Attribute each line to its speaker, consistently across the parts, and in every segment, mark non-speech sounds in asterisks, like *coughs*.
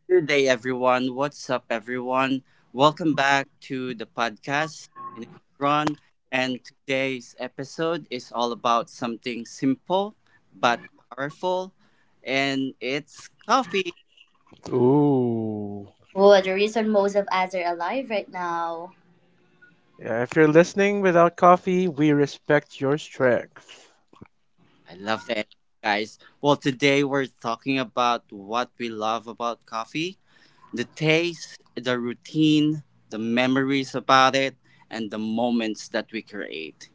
Speaker 1: Good day, everyone. What's up, everyone? Welcome back to the podcast. My name is Ron, and today's episode is all about something simple but powerful, and it's coffee.
Speaker 2: Ooh.
Speaker 3: Oh, the reason most of us are alive right now.
Speaker 2: Yeah, if you're listening without coffee, we respect your strength.
Speaker 1: I love that, guys. Well, today we're talking about what we love about coffee, the taste, the routine, the memories about it, and the moments that we create.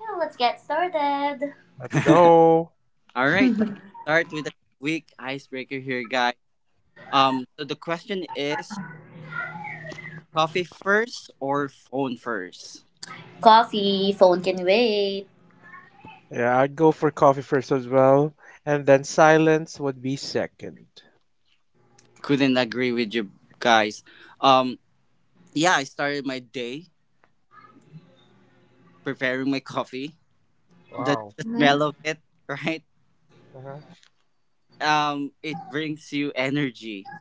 Speaker 3: Yeah, let's get started.
Speaker 2: Let's
Speaker 1: *laughs*
Speaker 2: go.
Speaker 1: All right, let's start with the week icebreaker here, guys. So the question is, coffee first or phone first?
Speaker 3: Coffee, phone can wait.
Speaker 2: Yeah, I'd go for coffee first as well, and then silence would be second.
Speaker 1: Couldn't agree with you guys. Um, yeah, I started my day preparing my coffee. The,
Speaker 2: Wow.
Speaker 1: the smell
Speaker 3: Mm-hmm.
Speaker 1: of it, *laughs* right?
Speaker 2: Uh-huh.
Speaker 1: It brings you energy.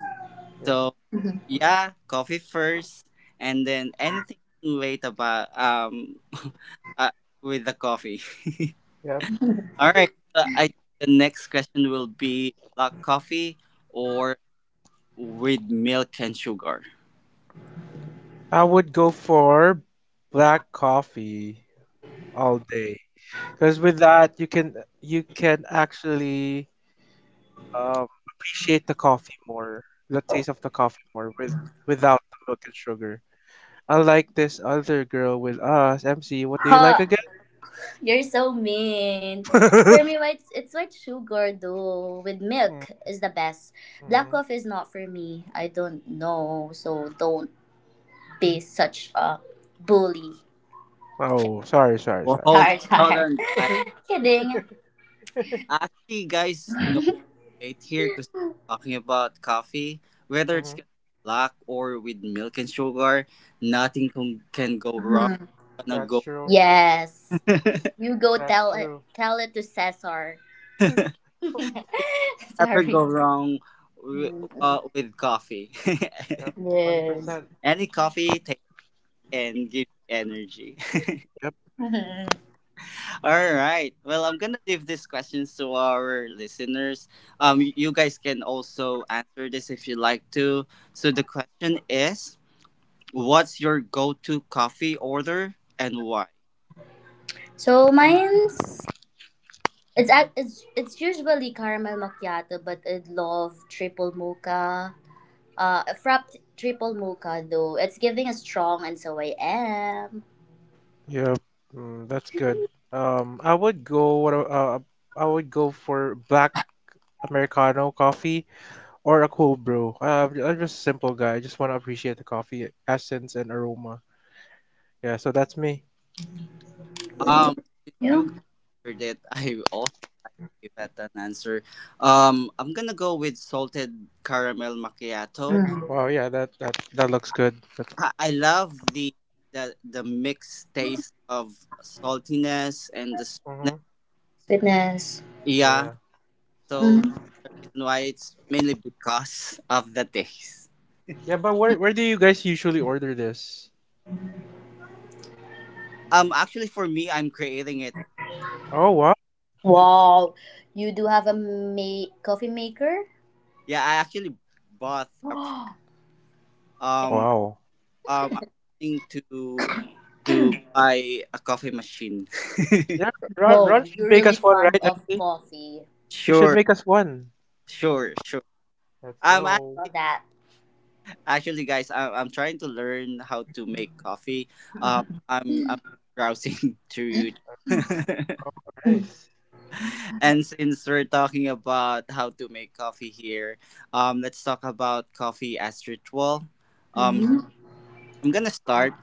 Speaker 2: Yep.
Speaker 1: So
Speaker 3: Mhm.
Speaker 1: yeah, coffee first, and then anything late about *laughs* uh, with the coffee.
Speaker 2: Yep.
Speaker 1: *laughs* All right. So I think the next question will be black coffee or with milk and sugar.
Speaker 2: I would go for black coffee all day, because with that you can actually appreciate the coffee more, the taste of the coffee more without the milk and sugar. Unlike this other girl with us, MC, what do you like
Speaker 3: Huh,
Speaker 2: again? *laughs*
Speaker 3: you're so mean. For me, white, it's white sugar though, with milk
Speaker 2: Mm-hmm.
Speaker 3: is the best. Black coffee is not for me. I don't know, so don't be such a bully. Ch-
Speaker 2: Oh, sorry, sorry,
Speaker 1: Well,
Speaker 2: sorry.
Speaker 1: hold on,
Speaker 3: Char
Speaker 1: hold
Speaker 3: char.
Speaker 1: on,
Speaker 2: *laughs*
Speaker 1: guys.
Speaker 2: Mm-hmm.
Speaker 3: *laughs* Kidding.
Speaker 1: Actually, guys, no debate here because we're talking about coffee, whether it's gonna be black or with milk and sugar, nothing can go wrong.
Speaker 3: Mhm.
Speaker 1: Gonna
Speaker 2: That's
Speaker 1: go
Speaker 2: true.
Speaker 3: Yes.
Speaker 1: *laughs*
Speaker 3: You go
Speaker 2: That's true.
Speaker 3: tell it to Cesar.
Speaker 2: *laughs* Yep.
Speaker 3: *laughs*
Speaker 1: never
Speaker 3: Sorry.
Speaker 1: go wrong wi-
Speaker 3: Mm,
Speaker 1: with coffee.
Speaker 2: Hundred
Speaker 3: yes.
Speaker 2: percent.
Speaker 3: *laughs*
Speaker 1: *laughs* Any coffee takes and gives energy. *laughs*
Speaker 2: Yep,
Speaker 3: Mhm.
Speaker 1: All right. Well, I'm gonna leave these questions to our listeners. You guys can also answer this if you like to. So the question is, what's your go-to coffee order and why?
Speaker 3: So mine's it's ac- it's usually caramel macchiato, but I love triple mocha. A frapped triple mocha though. It's giving a strong, and so I am.
Speaker 2: yep. Mm, that's good. I would go what I would go for black Americano coffee or a cold brew. I'm just a simple guy. I just want to appreciate the coffee essence and aroma. Yeah, so that's me.
Speaker 1: Since
Speaker 3: Yeah.
Speaker 1: you guys
Speaker 3: You
Speaker 1: answered it, *laughs* I also give that an answer. I'm gonna go with salted caramel macchiato.
Speaker 3: mm.
Speaker 2: Wow, yeah, that looks good.
Speaker 1: I love the mixed taste of saltiness and the
Speaker 2: Mm-hmm.
Speaker 3: Sweetness.
Speaker 1: yeah
Speaker 2: Yeah.
Speaker 1: So
Speaker 3: Mm.
Speaker 1: that's the reason why, it's mainly because of the taste.
Speaker 2: Yeah, but where do you guys usually order this?
Speaker 1: Actually, for me, I'm creating it.
Speaker 2: Oh, wow.
Speaker 3: Wow, you do have a
Speaker 2: Wow.
Speaker 3: coffee maker.
Speaker 1: Yeah, I actually bought a. pr-
Speaker 3: *gasps* Okay.
Speaker 1: Um,
Speaker 2: Wow.
Speaker 1: I'm planning to buy a coffee machine.
Speaker 2: Yeah, Ron
Speaker 3: Whoa, you're
Speaker 2: should make
Speaker 3: really
Speaker 2: us one,
Speaker 3: fond
Speaker 2: right,
Speaker 3: of
Speaker 2: MC?
Speaker 3: coffee.
Speaker 1: *laughs*
Speaker 2: He should
Speaker 1: Sure,
Speaker 2: make us one.
Speaker 1: sure, sure.
Speaker 2: Let's
Speaker 1: Um,
Speaker 2: go.
Speaker 3: Love
Speaker 1: actually,
Speaker 3: that.
Speaker 1: actually, guys, I'm trying to learn how to make coffee. I'm browsing *laughs* through YouTube.
Speaker 2: Oh,
Speaker 1: *laughs*
Speaker 2: oh, nice.
Speaker 1: *laughs* And
Speaker 2: Productive.
Speaker 1: since we're talking about how to make coffee here, let's talk about coffee as ritual. Um,
Speaker 3: Mm-hmm.
Speaker 2: Mm-hmm.
Speaker 1: I'm gonna start.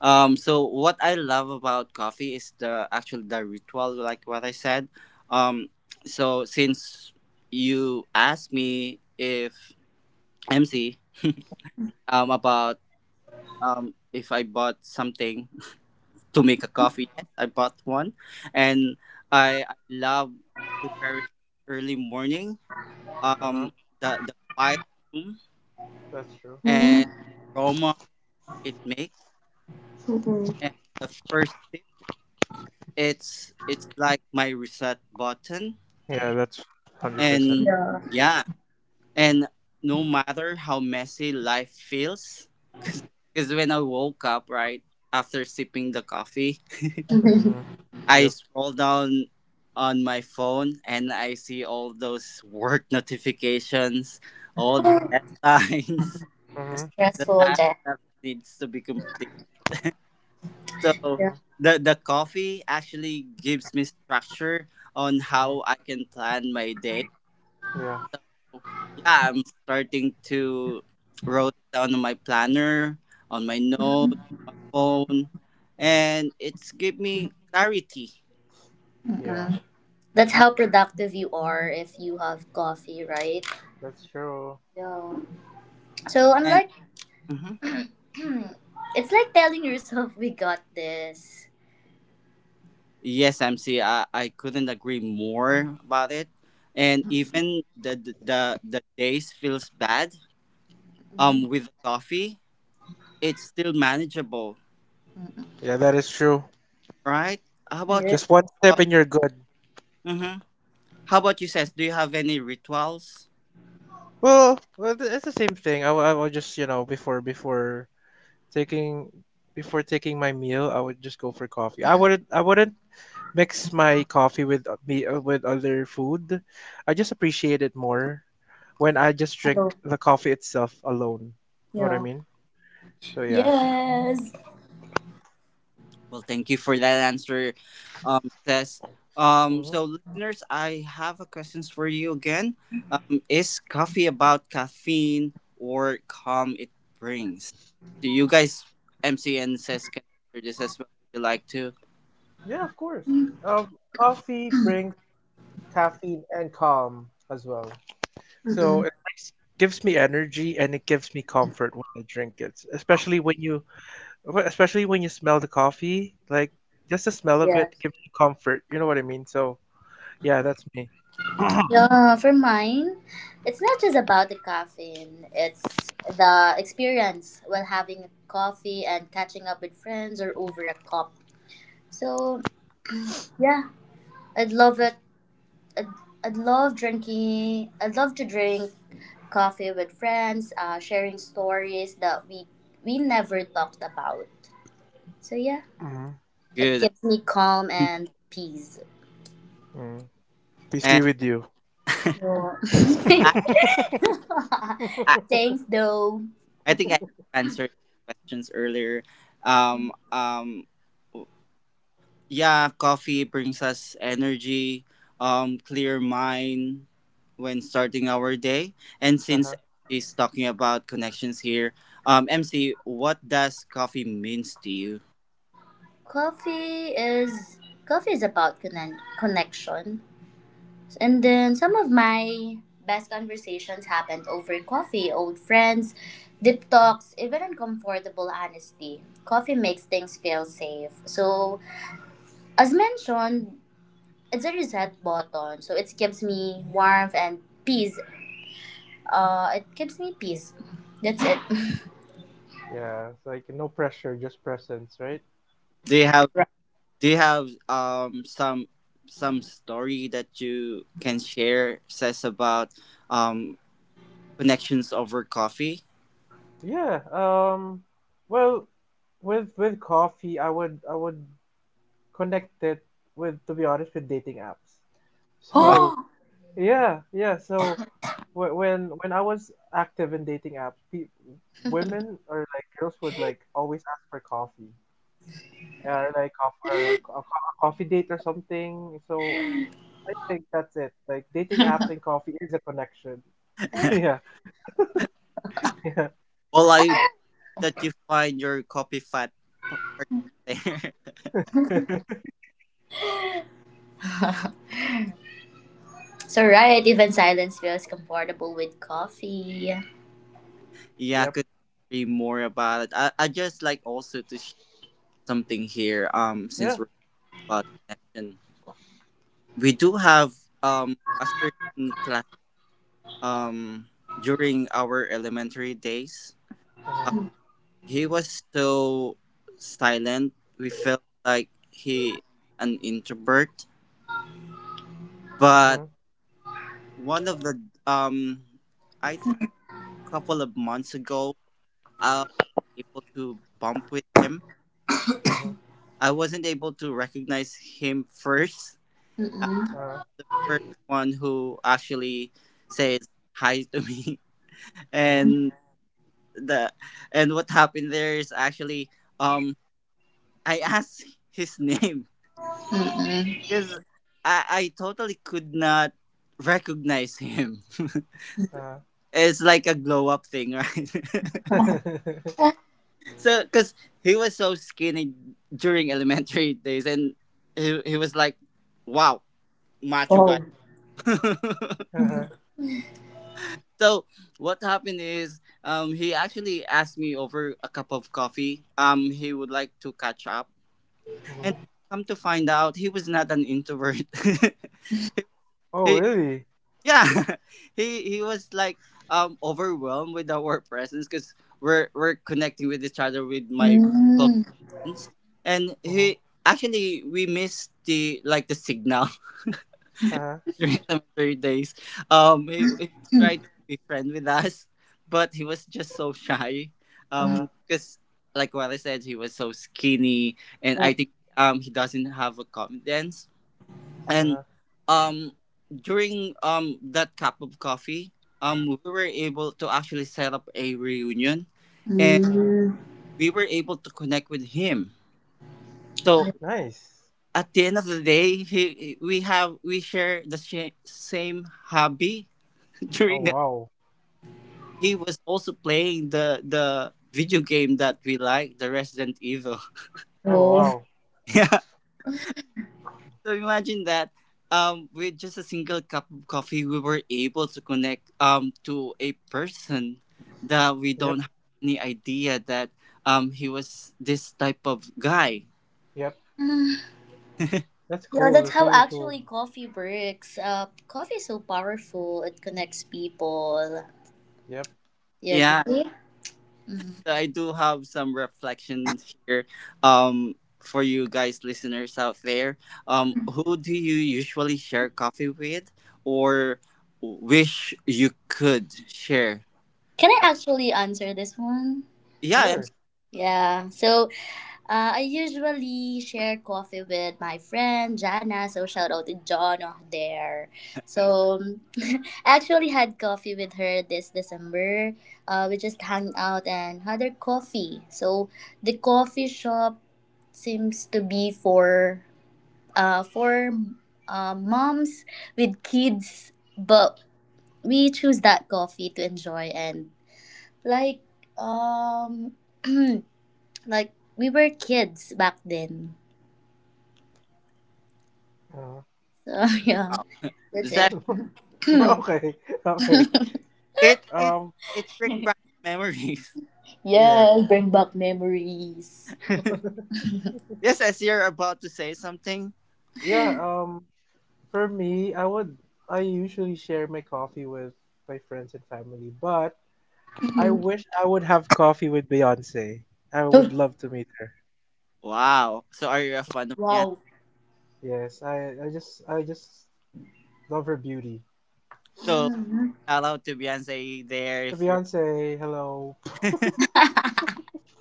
Speaker 1: So what I love about coffee is the actually the ritual, like what I said. Um, so since you asked me if MC about if I bought something *laughs* to make a coffee, yes, I bought one, and I love preparing early morning,
Speaker 2: Uh-huh.
Speaker 1: um the quiet room
Speaker 2: That's true.
Speaker 1: and aroma it makes,
Speaker 3: Mm-hmm.
Speaker 1: and the first sip, it's like my reset button.
Speaker 2: Yeah, that's 100%.
Speaker 1: And
Speaker 3: Yeah.
Speaker 1: yeah, and no matter how messy life feels, *laughs* because when I woke up, right after sipping the coffee,
Speaker 3: *laughs*
Speaker 2: Mm-hmm.
Speaker 1: I
Speaker 2: Yep.
Speaker 1: scroll down on my phone and I see all those work notifications, all the
Speaker 2: Mm-hmm.
Speaker 1: deadlines,
Speaker 2: Mm-hmm.
Speaker 1: *laughs* the
Speaker 3: Stressful.
Speaker 1: tasks that needs to be completed. So
Speaker 3: Yeah.
Speaker 2: Mm-hmm.
Speaker 1: the coffee actually gives me structure on
Speaker 2: Mm-hmm.
Speaker 1: how I can plan my day.
Speaker 2: Yeah.
Speaker 1: Yeah, I'm starting to wrote it down on my planner, on my notes,
Speaker 3: Mm-mm.
Speaker 1: my
Speaker 2: Mm-hmm.
Speaker 1: phone, and it's give me clarity,
Speaker 2: Yeah.
Speaker 3: That's
Speaker 1: right?
Speaker 3: how productive you are if you have coffee, right?
Speaker 2: That's true.
Speaker 3: Yeah. So I'm
Speaker 1: And
Speaker 3: like,
Speaker 1: mhm.
Speaker 3: *clears throat* it's like telling yourself, "We got this."
Speaker 1: Yes, MC, I couldn't agree more about it. And even the the days feels bad
Speaker 3: Mm-mm.
Speaker 1: with coffee, it's still manageable,
Speaker 2: Yeah, that is true.
Speaker 1: right? How about
Speaker 3: Yeah.
Speaker 1: you?
Speaker 2: Just one sip
Speaker 1: Uh,
Speaker 2: and you're good.
Speaker 1: mhm. How about you, Cess? Do you have any rituals?
Speaker 2: It's the same thing. I will just taking before taking my meal, I would just go for coffee. I wouldn't mix my coffee with o- me with other food. I just appreciate it more when I just drink
Speaker 3: Hello.
Speaker 2: the coffee itself alone. You know what I
Speaker 3: Yeah.
Speaker 2: mean? So yeah.
Speaker 3: Yes.
Speaker 1: Well, thank you for that answer, Cess. So
Speaker 2: Hmm.
Speaker 1: listeners, I have a questions for you again. Is coffee about caffeine or calm it brings? So you guys, MC and Cess, can answer this as well if you like to.
Speaker 2: Yeah, of course. Coffee brings caffeine and calm as well. So
Speaker 3: Mm-mm.
Speaker 2: it brings gives me energy and it gives me comfort while I drink it, especially when you but especially when you smell the coffee, like just the smell of it
Speaker 3: Yes.
Speaker 2: gives you comfort. You know what I mean? So, yeah, that's me. *coughs* *clears throat*
Speaker 3: Yeah. For mine, it's not just about the caffeine. It's the experience while having coffee and catching up with friends or over a cup. So yeah, I'd love it I'd, I'd love drinking. I'd love to drink coffee with friends, sharing stories that we never talked about. So yeah,
Speaker 2: Mhm.
Speaker 3: it
Speaker 1: Good.
Speaker 3: gives me calm and peace.
Speaker 2: Mm. Peace be
Speaker 1: And
Speaker 2: with you.
Speaker 1: *laughs*
Speaker 3: Yeah.
Speaker 1: I,
Speaker 2: *laughs*
Speaker 1: I,
Speaker 3: *laughs* Thanks though.
Speaker 1: I think I answered questions earlier. Um, um, yeah, coffee brings us energy, clear mind when starting our day. And since
Speaker 2: Uh-huh.
Speaker 1: MC is talking about connections here, MC, what does coffee means to you?
Speaker 3: Coffee is coffee is about connection. And then some of my best conversations happened over coffee, old friends, deep talks, even uncomfortable honesty. Coffee makes things feel safe. So, as mentioned, it's a reset button. So, it gives me warmth and peace. It gives me peace. That's it. *laughs*
Speaker 2: Yeah, it's like no pressure, just presence, right?
Speaker 1: Do you have
Speaker 3: Right.
Speaker 1: do you have some story that you can share, says about um connections over coffee? *laughs*
Speaker 2: Yeah. Well, with coffee, I would connect it with to be honest with dating apps. *laughs*
Speaker 1: Wow.
Speaker 2: So, yeah, yeah, so when I was active in dating apps, women or like girls would like always ask for coffee or a coffee date or something. So I think that's it. Like dating apps and coffee is a connection. *laughs* Yeah. *laughs* Yeah.
Speaker 1: Well, I that you find your coffee p- partner.
Speaker 2: *laughs*
Speaker 3: So, right, even silence feels comfortable with coffee.
Speaker 1: Yeah, I
Speaker 2: Yep.
Speaker 1: could be more about it. I just like also to share something here.
Speaker 2: Yeah.
Speaker 1: Since we're about connection, we do have a certain class um during our elementary days. Uh,
Speaker 2: Mhm.
Speaker 1: he was so silent. We felt like he an introvert. But
Speaker 2: Mhm.
Speaker 1: one of the um, I think a couple of months ago, I was able to bump with him.
Speaker 2: Mhm.
Speaker 1: I wasn't able to recognize him first. Uh,
Speaker 3: Mm-mm.
Speaker 2: Uh-huh.
Speaker 1: first one who actually says hi to me, *laughs* and the and what happened there is actually um I asked his name
Speaker 3: Mm-mm.
Speaker 1: *laughs* because
Speaker 2: Uh-huh.
Speaker 1: I totally could not recognize him. *laughs*
Speaker 2: Uh-huh.
Speaker 1: It's like a glow up thing, right? *laughs*
Speaker 2: Uh-huh.
Speaker 1: So because he was so skinny during elementary days, and he was like, wow, macho guy.
Speaker 3: Oh.
Speaker 1: *laughs*
Speaker 2: *laughs* Uh-huh.
Speaker 1: So what happened is he actually asked me over a cup of coffee, he would like to catch up and
Speaker 2: Mhm.
Speaker 1: come to find out he was not an introvert. *laughs*
Speaker 2: Oh,
Speaker 1: He,
Speaker 2: really?
Speaker 1: yeah, *laughs* he was like overwhelmed with our presence, because we're connecting with each other with my close
Speaker 3: Mm.
Speaker 1: friends, and
Speaker 2: Mhm. Uh-huh.
Speaker 1: he actually we missed the like the signal
Speaker 2: Uh-huh.
Speaker 1: during *laughs* elementary days. He tried to be friend with us, *laughs* but he was just so shy.
Speaker 2: Uh-huh.
Speaker 1: Because like what I said, he was so skinny, and I think he doesn't have a confidence. And um during that cup of coffee, we were able to actually set up a reunion, and
Speaker 2: Uh-huh.
Speaker 3: Mm.
Speaker 1: we were able to connect with him. So
Speaker 2: Nice.
Speaker 1: at the end of the day, we have we share the same hobby *laughs*
Speaker 2: Oh,
Speaker 1: during
Speaker 2: wow.
Speaker 1: he was also playing the video game that we like, the Resident Evil.
Speaker 2: Oh,
Speaker 3: Oh.
Speaker 2: wow.
Speaker 1: *laughs* Yeah. So imagine that. With just a single cup of coffee, we were able to connect to a person that we
Speaker 2: Yep.
Speaker 1: don't have any idea that he was this type of guy.
Speaker 2: Yep.
Speaker 1: *laughs*
Speaker 2: That's
Speaker 3: Yeah,
Speaker 2: cool.
Speaker 3: that's
Speaker 2: That's
Speaker 3: how
Speaker 2: really cool.
Speaker 3: actually coffee works. Coffee is so powerful. It connects people.
Speaker 2: Yep.
Speaker 3: You
Speaker 1: Yeah.
Speaker 3: agree?
Speaker 1: So I do have some reflections here, um, for you guys, listeners out there. Who do you usually share coffee with, or wish you could share?
Speaker 3: Can I actually answer this one?
Speaker 1: Yeah, I'm,
Speaker 2: Sure.
Speaker 3: Yeah. So I usually share coffee with my friend Jana. So shout out to John over there. So *laughs* I actually had coffee with her this December. We just hung out and had our coffee. So the coffee shop seems to be for uh, for moms with kids, but we choose that coffee to enjoy and like um *clears throat* like we were kids back then. So *laughs* yeah, that's
Speaker 1: does that
Speaker 3: it.
Speaker 2: *laughs*
Speaker 3: *laughs*
Speaker 2: Okay. *laughs* Okay.
Speaker 1: it it
Speaker 2: Um.
Speaker 1: it brings back
Speaker 3: *clears throat*
Speaker 1: memories.
Speaker 2: Yeah.
Speaker 3: Yeah, bring back memories.
Speaker 1: *laughs*
Speaker 2: *laughs*
Speaker 1: Yes, as you're about to say something.
Speaker 2: Yeah. For me, I would. I usually share my coffee with my friends and family, but I
Speaker 3: Mhm.
Speaker 2: wish I would have coffee with Beyonce. I
Speaker 3: Oh,
Speaker 2: would love to meet her.
Speaker 1: Wow. So are you a
Speaker 2: Mhm.
Speaker 1: fan of Beyonce?
Speaker 3: wow.
Speaker 2: Yes. I just love her beauty.
Speaker 1: So
Speaker 3: Mhm.
Speaker 1: shout out to Beyonce there
Speaker 2: Hey,
Speaker 1: if you're
Speaker 2: Beyonce. Hello.
Speaker 1: *laughs*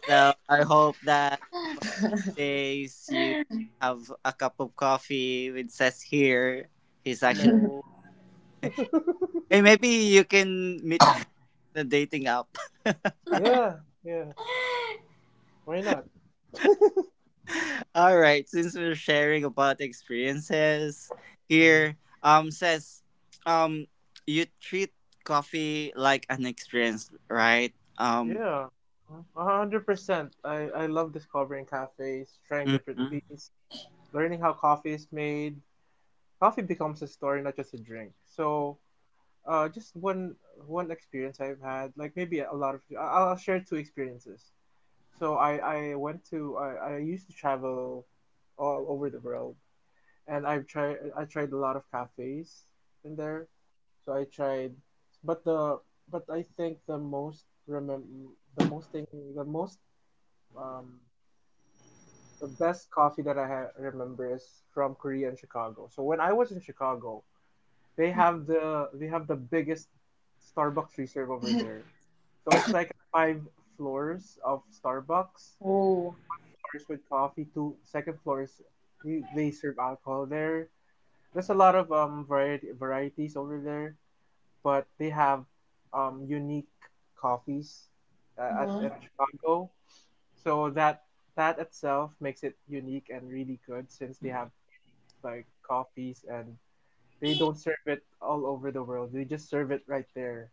Speaker 1: so I hope that
Speaker 3: *laughs*
Speaker 1: days you have a cup of coffee with Seth here. He's actually
Speaker 2: Hello. *laughs*
Speaker 1: hey maybe you can meet *laughs* the dating app. *laughs*
Speaker 2: Yeah. Yeah. Why not? *laughs*
Speaker 1: All right, since we're sharing about experiences here,
Speaker 2: Mm-hmm.
Speaker 1: says um you treat coffee like an experience, right?
Speaker 2: Yeah, 100%. I love discovering cafes, trying different
Speaker 1: Mhm.
Speaker 2: beans, learning how coffee is made. Coffee becomes a story, not just a drink. So, just one experience I've had, like maybe a lot of. I'll share two experiences. So I used to travel all over the world, and I tried a lot of cafes in there. So I tried, but the but I think the most remem the most thing the most um the best coffee that remember is from Korea and Chicago. So when I was in Chicago, they have the biggest Starbucks reserve over there. So it's like a five floors of Starbucks. So
Speaker 3: Oh.
Speaker 2: one floor is with coffee, two second floor is you, they serve alcohol there. There's a lot of variety varieties over there, but they have unique coffees at
Speaker 3: Oh.
Speaker 2: in Chicago. So that itself makes it unique and really good since they have unique like coffees and they don't serve it all over the world. They just serve it right there.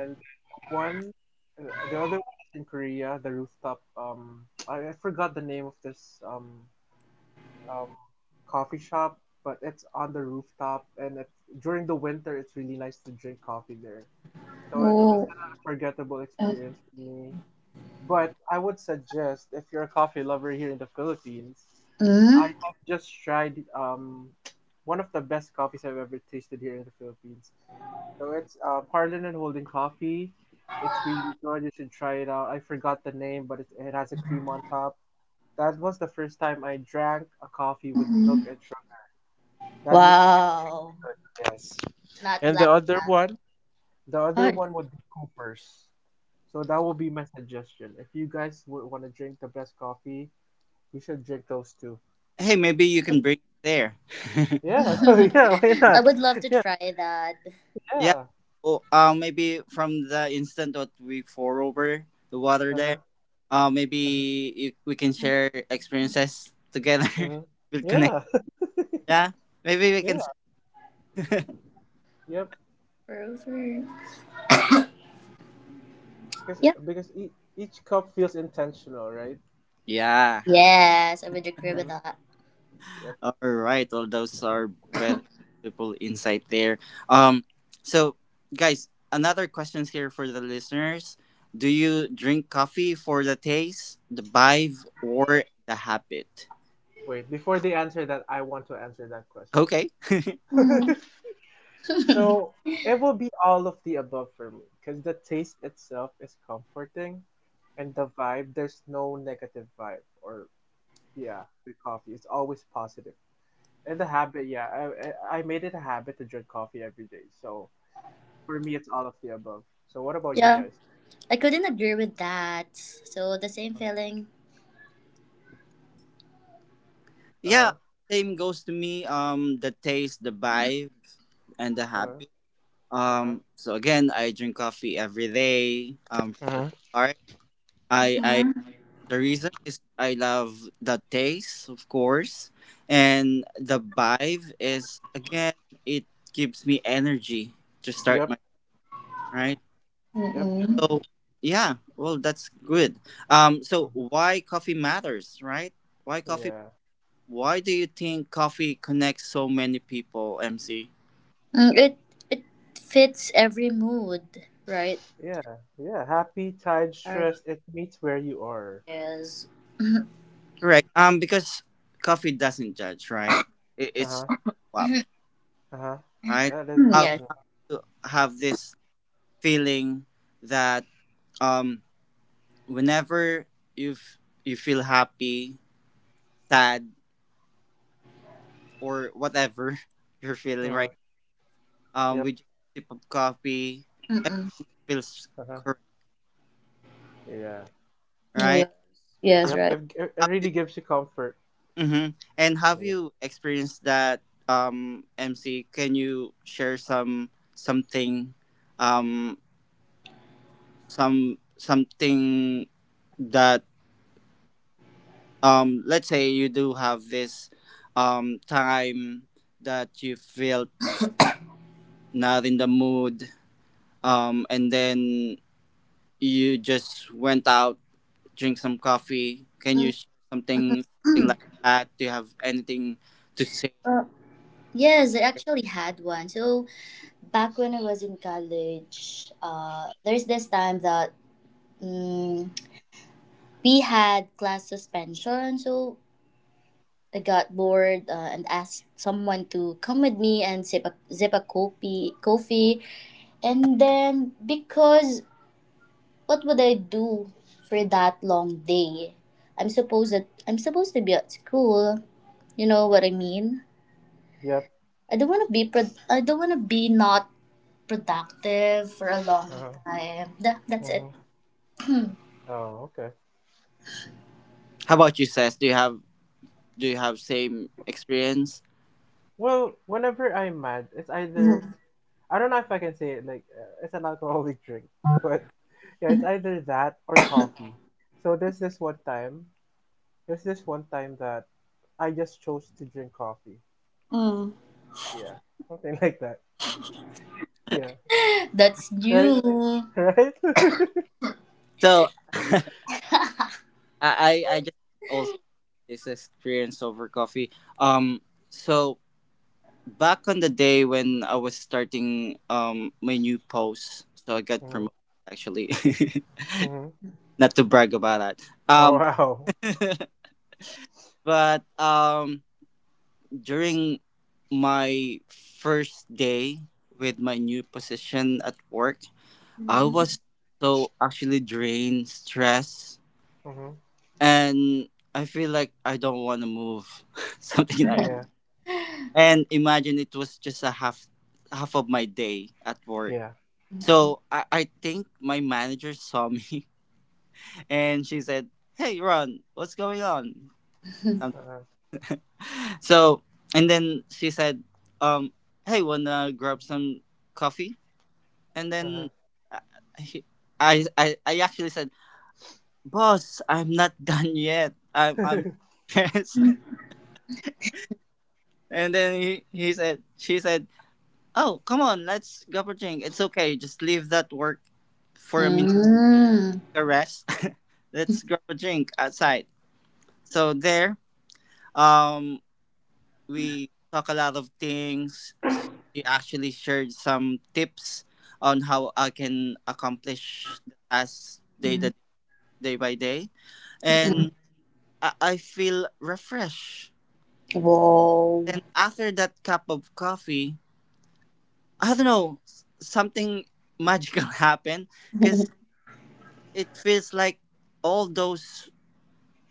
Speaker 2: And then the other one is in Korea, the rooftop. I forgot the name of this um, coffee shop, but it's on the rooftop, and it's during the winter. It's really nice to drink coffee there. So it's
Speaker 3: Oh.
Speaker 2: an unforgettable experience for me. But I would suggest if you're a coffee lover here in the Philippines, I have just tried one of the best coffees I've ever tasted here in the Philippines. So it's Harlan and Holding Coffee. It's really good. You should try it out. I forgot the name, but it has a cream on top. That was the first time I drank a coffee with milk
Speaker 3: Mm-hmm.
Speaker 2: and sugar. That means it's really
Speaker 3: Wow.
Speaker 2: good, yes.
Speaker 3: Not
Speaker 2: And the
Speaker 3: black.
Speaker 2: other one, The other
Speaker 3: Oh.
Speaker 2: one would be Cooper's. So that would be my suggestion. If you guys would want to drink the best coffee, you should drink those two.
Speaker 1: Hey maybe you
Speaker 2: So
Speaker 1: can
Speaker 2: yeah.
Speaker 1: bring it there. *laughs*
Speaker 2: Yeah, *laughs*
Speaker 3: *laughs*
Speaker 2: yeah, why
Speaker 3: I
Speaker 2: not?
Speaker 3: would love to
Speaker 2: Yeah.
Speaker 3: try that.
Speaker 1: Yeah.
Speaker 2: Yeah.
Speaker 1: Oh, maybe from the instant that we pour over the water
Speaker 2: Uh-huh.
Speaker 1: there,
Speaker 2: Uh-huh.
Speaker 1: maybe we can share experiences together.
Speaker 2: Uh-huh.
Speaker 1: *laughs* We'll connect.
Speaker 2: Yeah.
Speaker 1: Yeah. Maybe
Speaker 2: *laughs*
Speaker 1: we can.
Speaker 2: Yeah.
Speaker 1: *laughs*
Speaker 2: Yep.
Speaker 3: Frozen.
Speaker 2: Cause,
Speaker 3: Yeah.
Speaker 2: because each cup feels intentional, right?
Speaker 1: Yeah.
Speaker 3: Yes, I
Speaker 2: Mm-hmm.
Speaker 3: would agree with
Speaker 2: Mm-hmm.
Speaker 3: that.
Speaker 2: Yep.
Speaker 1: All right. Well, those are very beautiful insight there. Um. So, guys, another questions here for the listeners. Do you drink coffee for the taste, the vibe, or the habit?
Speaker 2: Wait, before they answer that, I want to answer that
Speaker 1: Okay.
Speaker 2: question.
Speaker 3: Mm.
Speaker 2: *laughs*
Speaker 3: *laughs*
Speaker 2: So it will be all of the above for me because the taste itself is comforting and the vibe, there's no negative vibe or yeah, with coffee, it's always positive. And the habit, yeah, I made it a habit to drink coffee every day. So for me, it's all of the above. So what about you
Speaker 3: Yeah,
Speaker 2: guys?
Speaker 3: I couldn't agree with that. So the same
Speaker 2: Uh
Speaker 3: feeling.
Speaker 1: Yeah,
Speaker 2: huh.
Speaker 1: same goes to me. The taste, the vibe, and the
Speaker 2: Uh
Speaker 1: happy.
Speaker 2: huh. Uh-huh.
Speaker 1: So again, I drink coffee every day. From the
Speaker 2: Mm-hmm.
Speaker 1: start, I, I,
Speaker 3: Mhm.
Speaker 1: the reason is I love the taste, of course, and the vibe is again, it gives me energy to start
Speaker 2: Yep.
Speaker 1: my right.
Speaker 2: Yep.
Speaker 3: Mm-mm.
Speaker 1: So yeah, well, that's good. So
Speaker 2: Mm-hmm.
Speaker 1: why coffee matters, right? Why coffee
Speaker 2: Yeah.
Speaker 1: Why do you think coffee connects so many people, MC?
Speaker 3: Mm, it fits every mood, right?
Speaker 2: Yeah. Yeah. Happy, tired,
Speaker 3: Sorry.
Speaker 2: stressed. It meets where you are.
Speaker 3: Yes. *coughs*
Speaker 1: Correct. Because coffee doesn't judge, right? It,
Speaker 2: Uh
Speaker 1: it's
Speaker 2: huh.
Speaker 1: up,
Speaker 3: *clears throat*
Speaker 2: Uh huh.
Speaker 1: right?
Speaker 2: That is right.
Speaker 1: How
Speaker 3: Yes.
Speaker 2: Mm-hmm.
Speaker 1: you have this feeling that um, whenever you you feel happy, sad, or whatever *laughs* you're
Speaker 2: Uh
Speaker 1: feeling,
Speaker 2: huh.
Speaker 1: right?
Speaker 2: Yep.
Speaker 1: With just sip of coffee, it
Speaker 3: Mm-mm.
Speaker 1: feels
Speaker 2: Uh-huh.
Speaker 1: correct,
Speaker 2: Yeah.
Speaker 1: right?
Speaker 3: Yes.
Speaker 1: How,
Speaker 3: Yes.
Speaker 2: Yep.
Speaker 3: Right.
Speaker 2: It really gives you comfort.
Speaker 1: mm-hmm. And have
Speaker 2: Yep.
Speaker 1: you experienced that, MC? Can you share something, um, something that, let's say you do have this, time that you felt not in the mood, and then you just went out, drink some coffee. Can you share something
Speaker 3: Mm-mm.
Speaker 1: like that? Do you have anything to say?
Speaker 3: Uh, yes, I actually had one. So back when I was in college, there's this time that mm we had class suspension, so I got bored and asked someone to come with me and sip a coffee. And then, because what would I do for that long day? I'm supposed to be at school. You know what I mean?
Speaker 2: Yep.
Speaker 3: I don't want to be pro- I don't want to be not productive for a long
Speaker 2: Uh-huh.
Speaker 3: time. That's it.
Speaker 2: Uh-huh. Oh, okay.
Speaker 1: How about you, Seth? Do you have same experience?
Speaker 2: Well, whenever I'm mad, it's either I don't know if I can say it like it's an alcoholic *laughs* drink, but yeah, it's either that or coffee. So there's this one time that I just chose to drink coffee.
Speaker 3: Mm.
Speaker 2: Yeah. Something *laughs* like that. Yeah.
Speaker 3: That's
Speaker 2: Right?
Speaker 3: you.
Speaker 2: *laughs* Right? *laughs* Mm-hmm.
Speaker 1: So *laughs* I just also this experience over coffee. Um, so back on the day when I was starting my new post, so I got promoted actually. *laughs*
Speaker 2: Mm-hmm.
Speaker 1: Not to brag about that.
Speaker 2: Oh,
Speaker 1: Um,
Speaker 2: wow.
Speaker 1: *laughs* but during my first day with my new position at work, I
Speaker 3: Mm.
Speaker 1: was
Speaker 2: Mm-hmm.
Speaker 1: so actually drained, stressed,
Speaker 2: Mm-hmm.
Speaker 1: and I feel like I don't want to move, *laughs* something like.
Speaker 2: Yeah.
Speaker 1: And imagine it was just a half of my day at work.
Speaker 2: Yeah.
Speaker 1: So I think my manager saw me, *laughs* and she said, "Hey, Ron, what's going on?" Um,
Speaker 2: Uh-huh.
Speaker 1: so and then she said, "Um, hey, wanna grab some coffee?" And
Speaker 2: Uh-huh.
Speaker 1: then I I actually said, "Boss, I'm not *laughs* done yet. I'm." *laughs* Yes. And then she said, "Oh, come on, let's grab a drink. It's okay, just leave that work for a minute
Speaker 3: Mm.
Speaker 1: a rest. *laughs* Let's grab a drink outside." So there, um we talk a lot of things. She actually shared some tips on how I can accomplish the task
Speaker 3: Mm.
Speaker 1: day by day.
Speaker 2: Mhm.
Speaker 1: And
Speaker 3: *coughs*
Speaker 1: I feel refreshed.
Speaker 3: Whoa.
Speaker 1: Then after that cup of coffee, I don't know, something magical *laughs* happened cause.
Speaker 3: *laughs*
Speaker 1: It feels like all those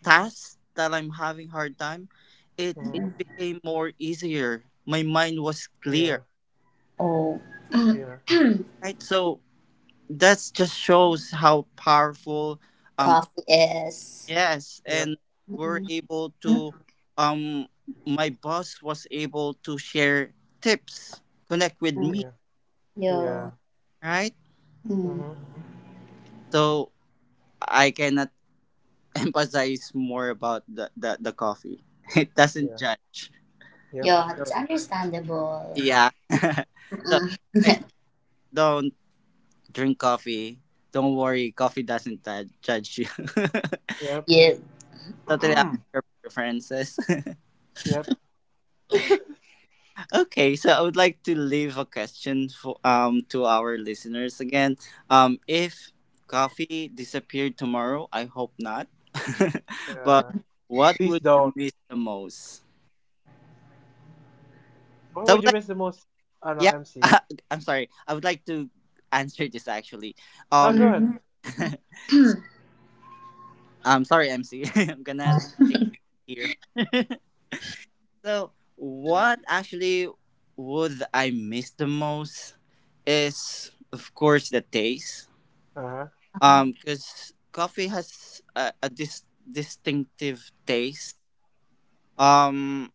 Speaker 1: tasks that I'm having hard time, it
Speaker 2: Mhm.
Speaker 1: it became more easier. My mind was
Speaker 2: Yeah.
Speaker 1: clear,
Speaker 3: Oh.
Speaker 2: Yeah.
Speaker 3: *clears throat*
Speaker 1: right? So that just shows how powerful, um
Speaker 3: Coffee is.
Speaker 1: yes,
Speaker 2: Yep.
Speaker 1: and we're
Speaker 3: Mm-mm.
Speaker 1: able to um my boss was able to share tips, connect with me,
Speaker 2: Yeah. Yeah.
Speaker 3: Yo.
Speaker 1: right?
Speaker 3: Mm.
Speaker 2: Mhm.
Speaker 1: So I cannot *laughs* emphasize more about the coffee. *laughs* It
Speaker 2: Yeah.
Speaker 1: doesn't judge.
Speaker 2: Yep.
Speaker 3: Yo, it's understandable.
Speaker 1: Yeah. *laughs* So if you
Speaker 3: Mm-mm.
Speaker 1: guys
Speaker 3: *laughs*
Speaker 1: don't drink coffee, don't worry, coffee doesn't judge you. *laughs*
Speaker 2: Yep.
Speaker 3: Yeah.
Speaker 1: Totally up to your preferences.
Speaker 2: Yep.
Speaker 1: *laughs* Okay, so I would like to leave a question for to our listeners again. If coffee disappeared tomorrow, I hope not. *laughs* But
Speaker 2: Yeah.
Speaker 1: what
Speaker 2: Please
Speaker 1: would you
Speaker 2: don't.
Speaker 1: miss the most?
Speaker 2: What
Speaker 1: So I
Speaker 2: would
Speaker 1: would
Speaker 2: you
Speaker 1: like,
Speaker 2: miss the most? I don't know.
Speaker 1: yeah,
Speaker 2: MC.
Speaker 1: *laughs* I'm sorry. I would like to answer this actually.
Speaker 2: Oh, go
Speaker 1: Um,
Speaker 2: ahead.
Speaker 3: Mm-hmm.
Speaker 1: *laughs*
Speaker 3: *coughs*
Speaker 1: I'm sorry, MC. *laughs* I'm gonna take it here. So, what actually would I miss the most is, of course, the taste.
Speaker 2: Uh huh.
Speaker 3: *clears throat* Uh-huh.
Speaker 1: Because coffee has a distinctive taste. Um,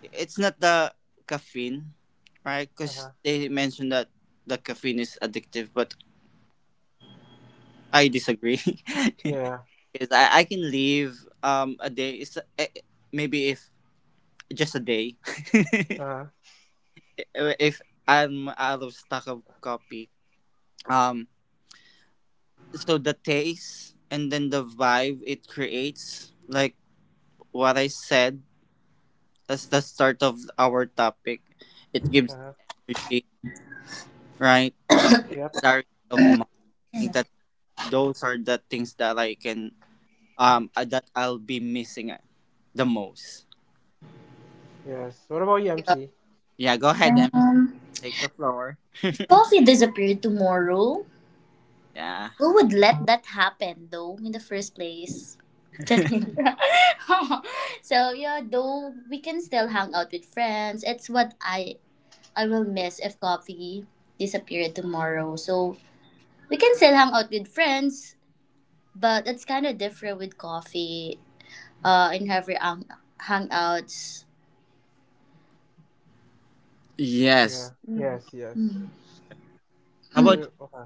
Speaker 1: it's not the caffeine, right?
Speaker 2: Uh
Speaker 1: Because
Speaker 2: huh.
Speaker 1: they mentioned that the caffeine is addictive, but I disagree. *laughs*
Speaker 2: Yeah.
Speaker 1: Because I can leave a day. It's maybe if just a day. *laughs*
Speaker 2: Uh huh.
Speaker 1: If I'm out of stock of copy. Um, so the taste and then the vibe it creates, like what I said as the start of our topic, it
Speaker 2: Uh
Speaker 1: gives
Speaker 2: huh.
Speaker 1: energy, right? And
Speaker 2: Yep.
Speaker 1: clarity of mind. I think that those are the things that I can that I'll be missing the most.
Speaker 2: Yes. What about you,
Speaker 3: Yeah.
Speaker 2: MC?
Speaker 1: Yeah, go ahead and
Speaker 3: Um,
Speaker 1: take the floor.
Speaker 3: if coffee disappeared tomorrow,
Speaker 1: Yeah.
Speaker 3: who would let that happen though in the first place? Charing. *laughs* So yeah, though we can still hang out with friends. It's what I will miss if coffee disappeared tomorrow. So we can still hang out with friends, but it's kind of different with coffee. In every hangouts,
Speaker 2: Yeah.
Speaker 1: Yes.
Speaker 2: Yes. Yes.
Speaker 1: How
Speaker 2: Are
Speaker 1: about
Speaker 2: you okay?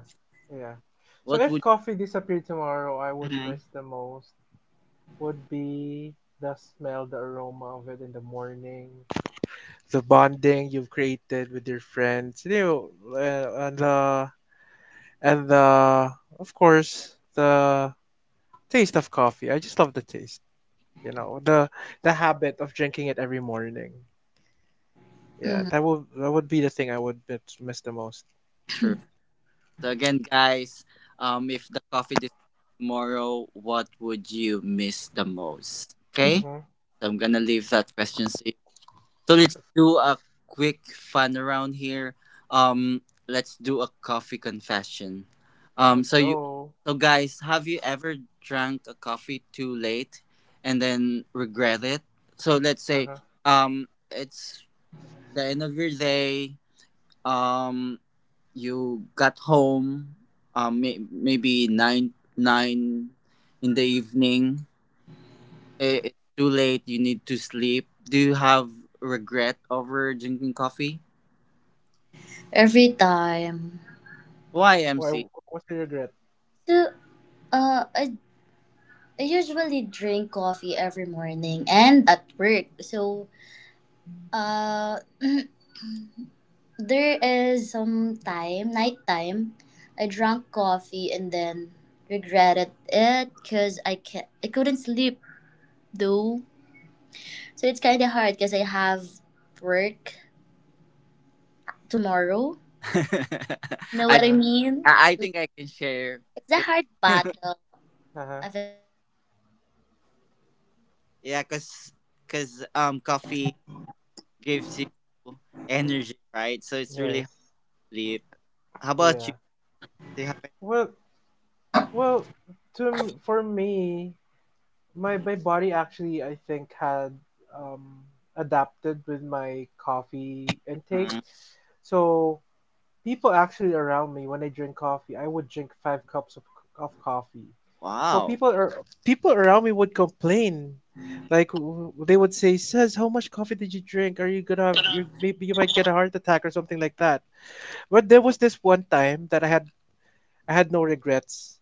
Speaker 2: Yeah. So
Speaker 1: what
Speaker 2: if
Speaker 1: would?
Speaker 2: coffee disappeared tomorrow, I would
Speaker 1: Mhm.
Speaker 2: miss the most would be the smell, the aroma of it in the morning, the bonding you've created with your friends, uh, and the and the of course the taste of coffee. I just love the taste, you know, the the habit of drinking it every morning. Yeah,
Speaker 3: mm,
Speaker 2: that would be the thing I would miss the most.
Speaker 1: True. So again, guys, if the coffee disappeared tomorrow, what would you miss the most? Okay,
Speaker 2: Mhm.
Speaker 1: so I'm gonna leave that question to you. So let's do a quick fun around here. Let's do a coffee confession. Um,
Speaker 2: Let's
Speaker 1: so you,
Speaker 2: go.
Speaker 1: so guys, have you ever drank a coffee too late and then regret it? So let's
Speaker 2: Uh
Speaker 1: say,
Speaker 2: huh.
Speaker 1: it's the end of your day. Um, you got home maybe 9 in the evening. Eh, it's too late. You need to sleep. Do you have regret over drinking coffee?
Speaker 3: every time.
Speaker 1: Why, MC?
Speaker 2: Why? What's your regret?
Speaker 3: So uh, I, I usually drink coffee every morning and at work. So, uh, there is some time, nighttime, I drank coffee and then regretted it because I couldn't sleep though. So it's kind of hard because I have work tomorrow.
Speaker 1: *laughs*
Speaker 3: Know
Speaker 2: Uh
Speaker 1: i i
Speaker 3: what I
Speaker 2: huh.
Speaker 3: mean?
Speaker 1: I
Speaker 3: So
Speaker 1: think I can share
Speaker 3: it's a
Speaker 1: it.
Speaker 3: hard
Speaker 1: *laughs*
Speaker 3: battle.
Speaker 2: Uh huh.
Speaker 3: I've
Speaker 1: Yeah, cuz cuz coffee gives you energy, right? So it's really
Speaker 2: Yes.
Speaker 1: hard to sleep. How about
Speaker 2: Yeah.
Speaker 1: you? Do you have any-?
Speaker 2: Well. Well, for me, my body actually I think had um, adapted with my coffee intake.
Speaker 1: Mhm.
Speaker 2: So people actually around me when I drink coffee, I would drink five cups of coffee. So
Speaker 1: Wow.
Speaker 2: people around me would complain, like they would say, "Says, how much coffee did you drink? Are you gonna have you maybe you might get a heart attack or something like that." But there was this one time that I had no regrets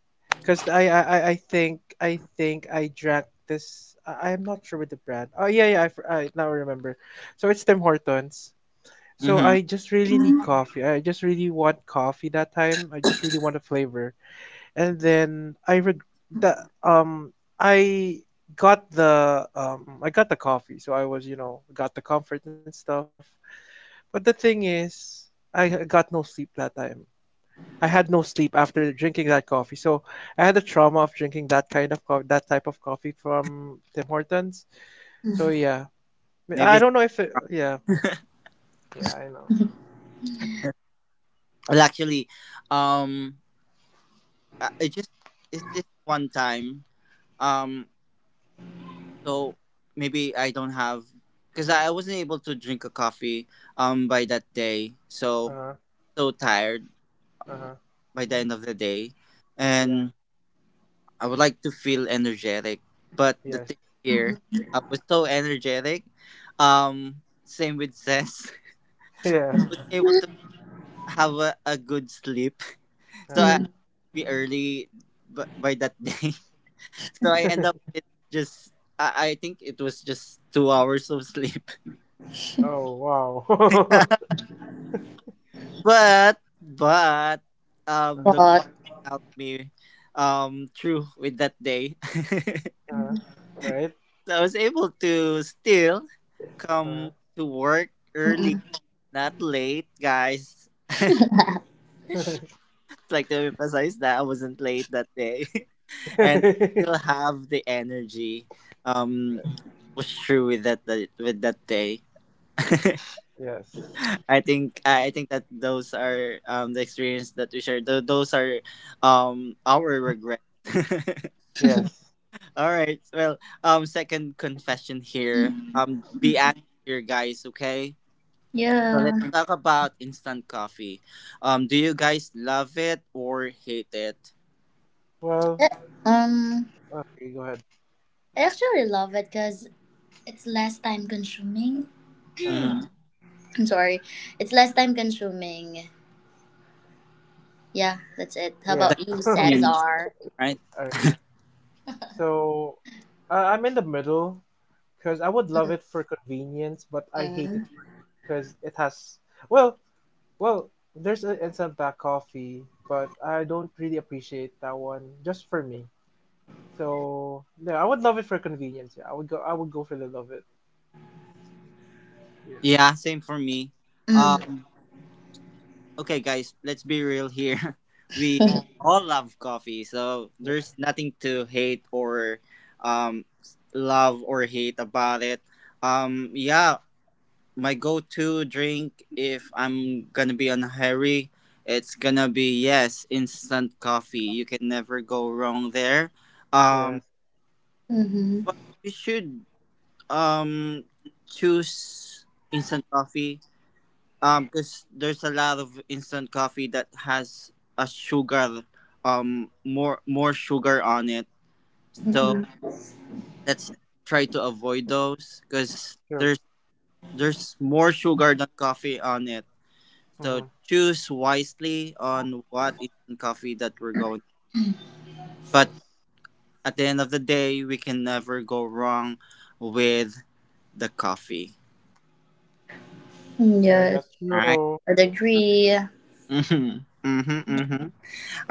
Speaker 2: because I think I drank this. I'm not sure with the brand. Oh, yeah, yeah, I now remember. So it's Tim Hortons. So
Speaker 1: Mhm.
Speaker 2: I just really need
Speaker 4: Mm.
Speaker 2: coffee. I just really want coffee that time. I just really want a flavor. And then the um I I got the coffee. So I was got the comfort and stuff. But the thing is, got no sleep that time. I had no sleep after drinking that coffee. So I had the trauma of drinking that type of coffee from Tim Hortons. So
Speaker 4: Mm.
Speaker 2: yeah, I
Speaker 1: Maybe,
Speaker 2: don't know if it, yeah, yeah, I know.
Speaker 4: *laughs*
Speaker 1: well, actually, um uh, it just it's this one time, um so maybe I don't have, because I wasn't able to drink a coffee by that day. So
Speaker 2: Uh-huh.
Speaker 1: so tired
Speaker 2: Uh-huh.
Speaker 1: by the end of the day,
Speaker 2: Yeah.
Speaker 1: and I would like to feel energetic, but the
Speaker 2: Yes.
Speaker 1: thing
Speaker 2: *laughs*
Speaker 1: here, I was so energetic, same with Cess. *laughs*
Speaker 2: Yeah.
Speaker 1: Wasn't able to have a good sleep. *laughs* So
Speaker 2: Uh,
Speaker 1: I
Speaker 4: Mm.
Speaker 1: be early, by that *laughs* day. So I end up with just, I think it was just 2 hours of sleep.
Speaker 2: *laughs* oh, wow. *laughs* Uh-huh.
Speaker 1: *laughs* But the
Speaker 4: But
Speaker 1: coffee helped me through with that day. *laughs*
Speaker 2: Uh-huh. Right?
Speaker 1: So I was able to still
Speaker 2: Uh-huh.
Speaker 1: come to work early, not late, guys. Just like to emphasize that I wasn't late that day.
Speaker 2: *laughs*
Speaker 1: *laughs* And
Speaker 2: Yes.
Speaker 1: still have the energy, um push through with that day. *laughs*
Speaker 2: Yes.
Speaker 1: I think that those are the experience that we shared. Those are our regrets. *laughs*
Speaker 2: Yes.
Speaker 1: All right. Well, second confession here. Be honest here, guys, okay? So let's
Speaker 4: yeah,
Speaker 1: talk about instant coffee. Do you guys love it or hate it?
Speaker 2: Well,
Speaker 4: Eh, um,
Speaker 2: oh, sige, go ahead.
Speaker 4: I actually love it because it's less time consuming.
Speaker 2: Uh-huh.
Speaker 1: Mhm.
Speaker 4: I'm sorry, it's less time consuming. Yeah, that's it. How
Speaker 2: Yeah.
Speaker 1: The
Speaker 4: about you,
Speaker 2: *laughs*
Speaker 1: convenience,
Speaker 2: All
Speaker 4: Cesar?
Speaker 1: right?
Speaker 2: right. So, I'm in the middle. Because I would love
Speaker 4: Mm.
Speaker 2: it for convenience, but I hate it
Speaker 4: Mm.
Speaker 2: for because it has well, well, there's an instant black coffee, but I don't really appreciate that one just for me. So yeah, I would love it for convenience. I would go for the love it. Yeah,
Speaker 1: Yeah, same for me.
Speaker 2: yeah,
Speaker 4: Mm.
Speaker 1: Um, okay, guys, let's be real here. *laughs* We
Speaker 2: yeah,
Speaker 1: all love coffee, so there's nothing to hate or um love or hate about it, yeah. My go-to drink, if I'm gonna be on a hurry, it's gonna be, yes, instant coffee. You can never go wrong there.
Speaker 2: yeah, yes.
Speaker 1: um
Speaker 4: Mm-hmm.
Speaker 1: but we should um choose instant coffee, because there's a lot of instant coffee that has a sugar, more sugar on it. So
Speaker 2: Mhm.
Speaker 4: Mm-hmm.
Speaker 1: let's try to avoid those, because
Speaker 2: True.
Speaker 1: there's more sugar than coffee on it. So
Speaker 2: Mhm.
Speaker 1: choose wisely on what instant coffee that we're going. But
Speaker 2: Yes.
Speaker 1: at the end of the day, we can never go wrong with the coffee,
Speaker 2: Yeah,
Speaker 4: Yes,
Speaker 2: that's
Speaker 1: all right?
Speaker 2: true.
Speaker 4: I'd
Speaker 1: *laughs*
Speaker 4: agree.
Speaker 1: Mm-hmm. Mm-hmm. Mm-hmm.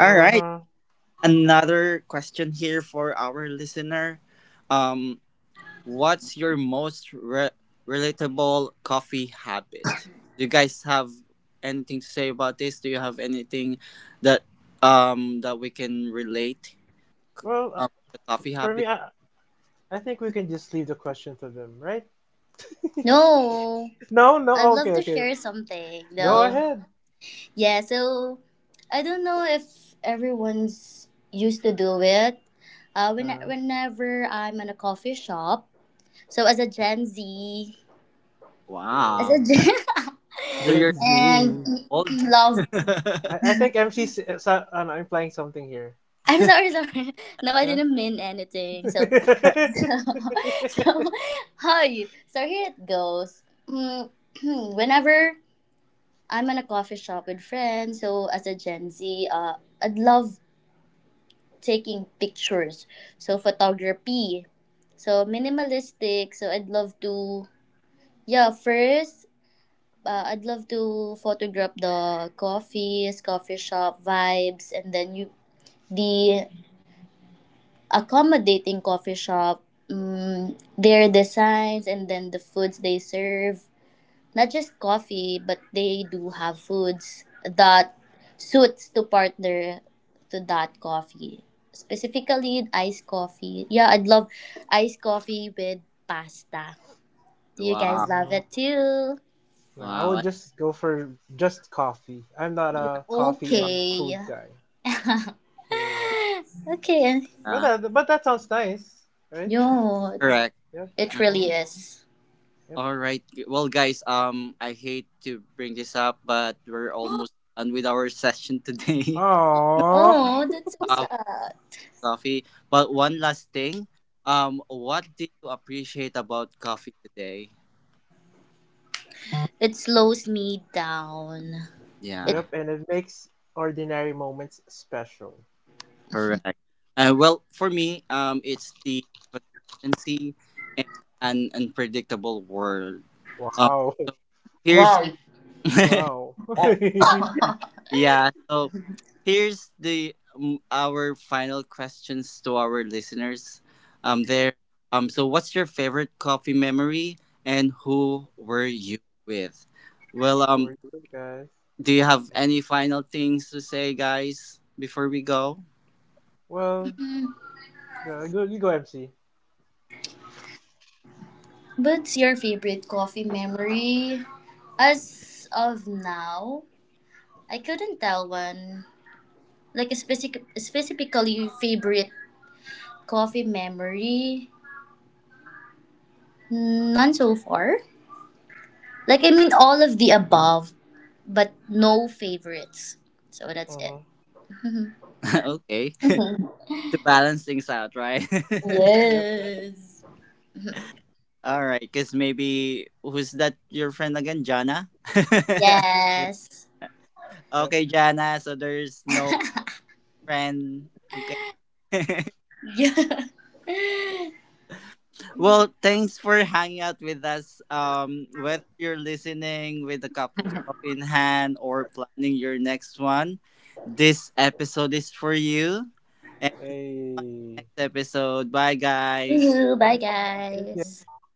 Speaker 1: All right. Another question here for our listener. Um, what's your most relatable coffee habit? Do you guys have anything to say about this? Do you have anything that that we can relate,
Speaker 2: Well,
Speaker 1: the coffee
Speaker 2: for me,
Speaker 1: habit?
Speaker 2: I think we can just leave the question to them, right? *laughs*
Speaker 4: No,
Speaker 2: No, no.
Speaker 4: I'd
Speaker 2: Okay,
Speaker 4: love to
Speaker 2: okay.
Speaker 4: share something
Speaker 2: Go
Speaker 1: Okay.
Speaker 4: though.
Speaker 2: ahead.
Speaker 4: Yeah, so I don't know if everyone's used to do it.
Speaker 2: Uh,
Speaker 4: Whenever I'm in a coffee shop, so as a Gen Z, as
Speaker 1: Wow.
Speaker 2: Ew.
Speaker 4: a Gen,
Speaker 1: So
Speaker 2: Gen
Speaker 1: you're
Speaker 4: *laughs* and
Speaker 2: Z.
Speaker 1: old. *laughs*
Speaker 4: love.
Speaker 2: I think MC's implying something here.
Speaker 4: I'm sorry. No, I
Speaker 2: No?
Speaker 4: didn't mean
Speaker 2: *laughs*
Speaker 4: anything. So,
Speaker 2: mm,
Speaker 4: *laughs* so, hi. So here it goes. Mm, *clears throat* Whenever I'm in a coffee shop with friends, so as a Gen Z, I'd love taking pictures. So photography. So minimalistic. So I'd love to yeah, first I'd love to photograph the coffee shop vibes, and then you the accommodating coffee shop, their designs, and then the foods they serve, not just coffee, but they do have foods that suits to partner to that coffee. Specifically iced coffee. Yeah, I'd love iced coffee with pasta. You
Speaker 1: Wow.
Speaker 4: guys love it too.
Speaker 2: no, I would
Speaker 1: Wow.
Speaker 2: just go for just coffee. I'm not
Speaker 1: Yeah.
Speaker 2: a coffee and
Speaker 4: Okay.
Speaker 2: food guy.
Speaker 4: *laughs*
Speaker 2: So, yeah.
Speaker 4: Okay.
Speaker 2: But
Speaker 1: Yeah.
Speaker 2: but that sounds nice, right?
Speaker 4: Yo, it,
Speaker 1: Correct.
Speaker 2: Yep.
Speaker 4: it really
Speaker 2: Mm,
Speaker 4: is.
Speaker 2: yep.
Speaker 1: All right. Well, guys, I hate to bring this up, but we're almost
Speaker 4: *gasps*
Speaker 1: done with our session today. *laughs* No
Speaker 2: Aww.
Speaker 4: Oh, that's so
Speaker 1: love,
Speaker 2: *laughs*
Speaker 4: sad.
Speaker 1: coffee. But one last thing. What do you appreciate about coffee today?
Speaker 4: It slows me down. It
Speaker 1: Yeah,
Speaker 2: Yep, and it makes ordinary moments special.
Speaker 1: correct. Well, for me, it's the consistency in an unpredictable world. Um,
Speaker 2: Wow.
Speaker 1: Here's
Speaker 4: wow.
Speaker 1: *laughs*
Speaker 2: *laughs* Wow. *laughs* Who are
Speaker 1: yeah. So here's the our final questions to our listeners. There. So what's your favorite coffee memory, and who were you with? Well,
Speaker 2: you with, guys?
Speaker 1: do you have
Speaker 2: Mhm.
Speaker 1: any final things to say, guys, before we go?
Speaker 2: Well, you go MC.
Speaker 4: What's your favorite coffee memory? As of now, I couldn't tell one. Like a specifically favorite coffee memory? None so far. Like I mean, all of the above, but no favorites. So that's it.
Speaker 2: Mm-hmm.
Speaker 1: *laughs* Okay,
Speaker 4: *laughs*
Speaker 1: *laughs* to balance things out, right? *laughs*
Speaker 2: Yep.
Speaker 4: Yes.
Speaker 1: All right, because maybe who's that? Your friend again, Jana?
Speaker 2: Yeah.
Speaker 4: Yes. *laughs*
Speaker 1: *laughs*
Speaker 2: Yep.
Speaker 1: Okay, Jana. So there's no friend. Okay. *laughs*
Speaker 4: Yeah. *laughs* See
Speaker 1: Well, thanks for hanging out with us. Whether you're listening with a cup of coffee in hand or planning your next one, this episode is for you. And
Speaker 2: Hey.
Speaker 1: next episode, bye, guys.
Speaker 4: you.
Speaker 2: Bye,
Speaker 4: Bye,
Speaker 2: guys. Thank
Speaker 4: guys.
Speaker 2: you.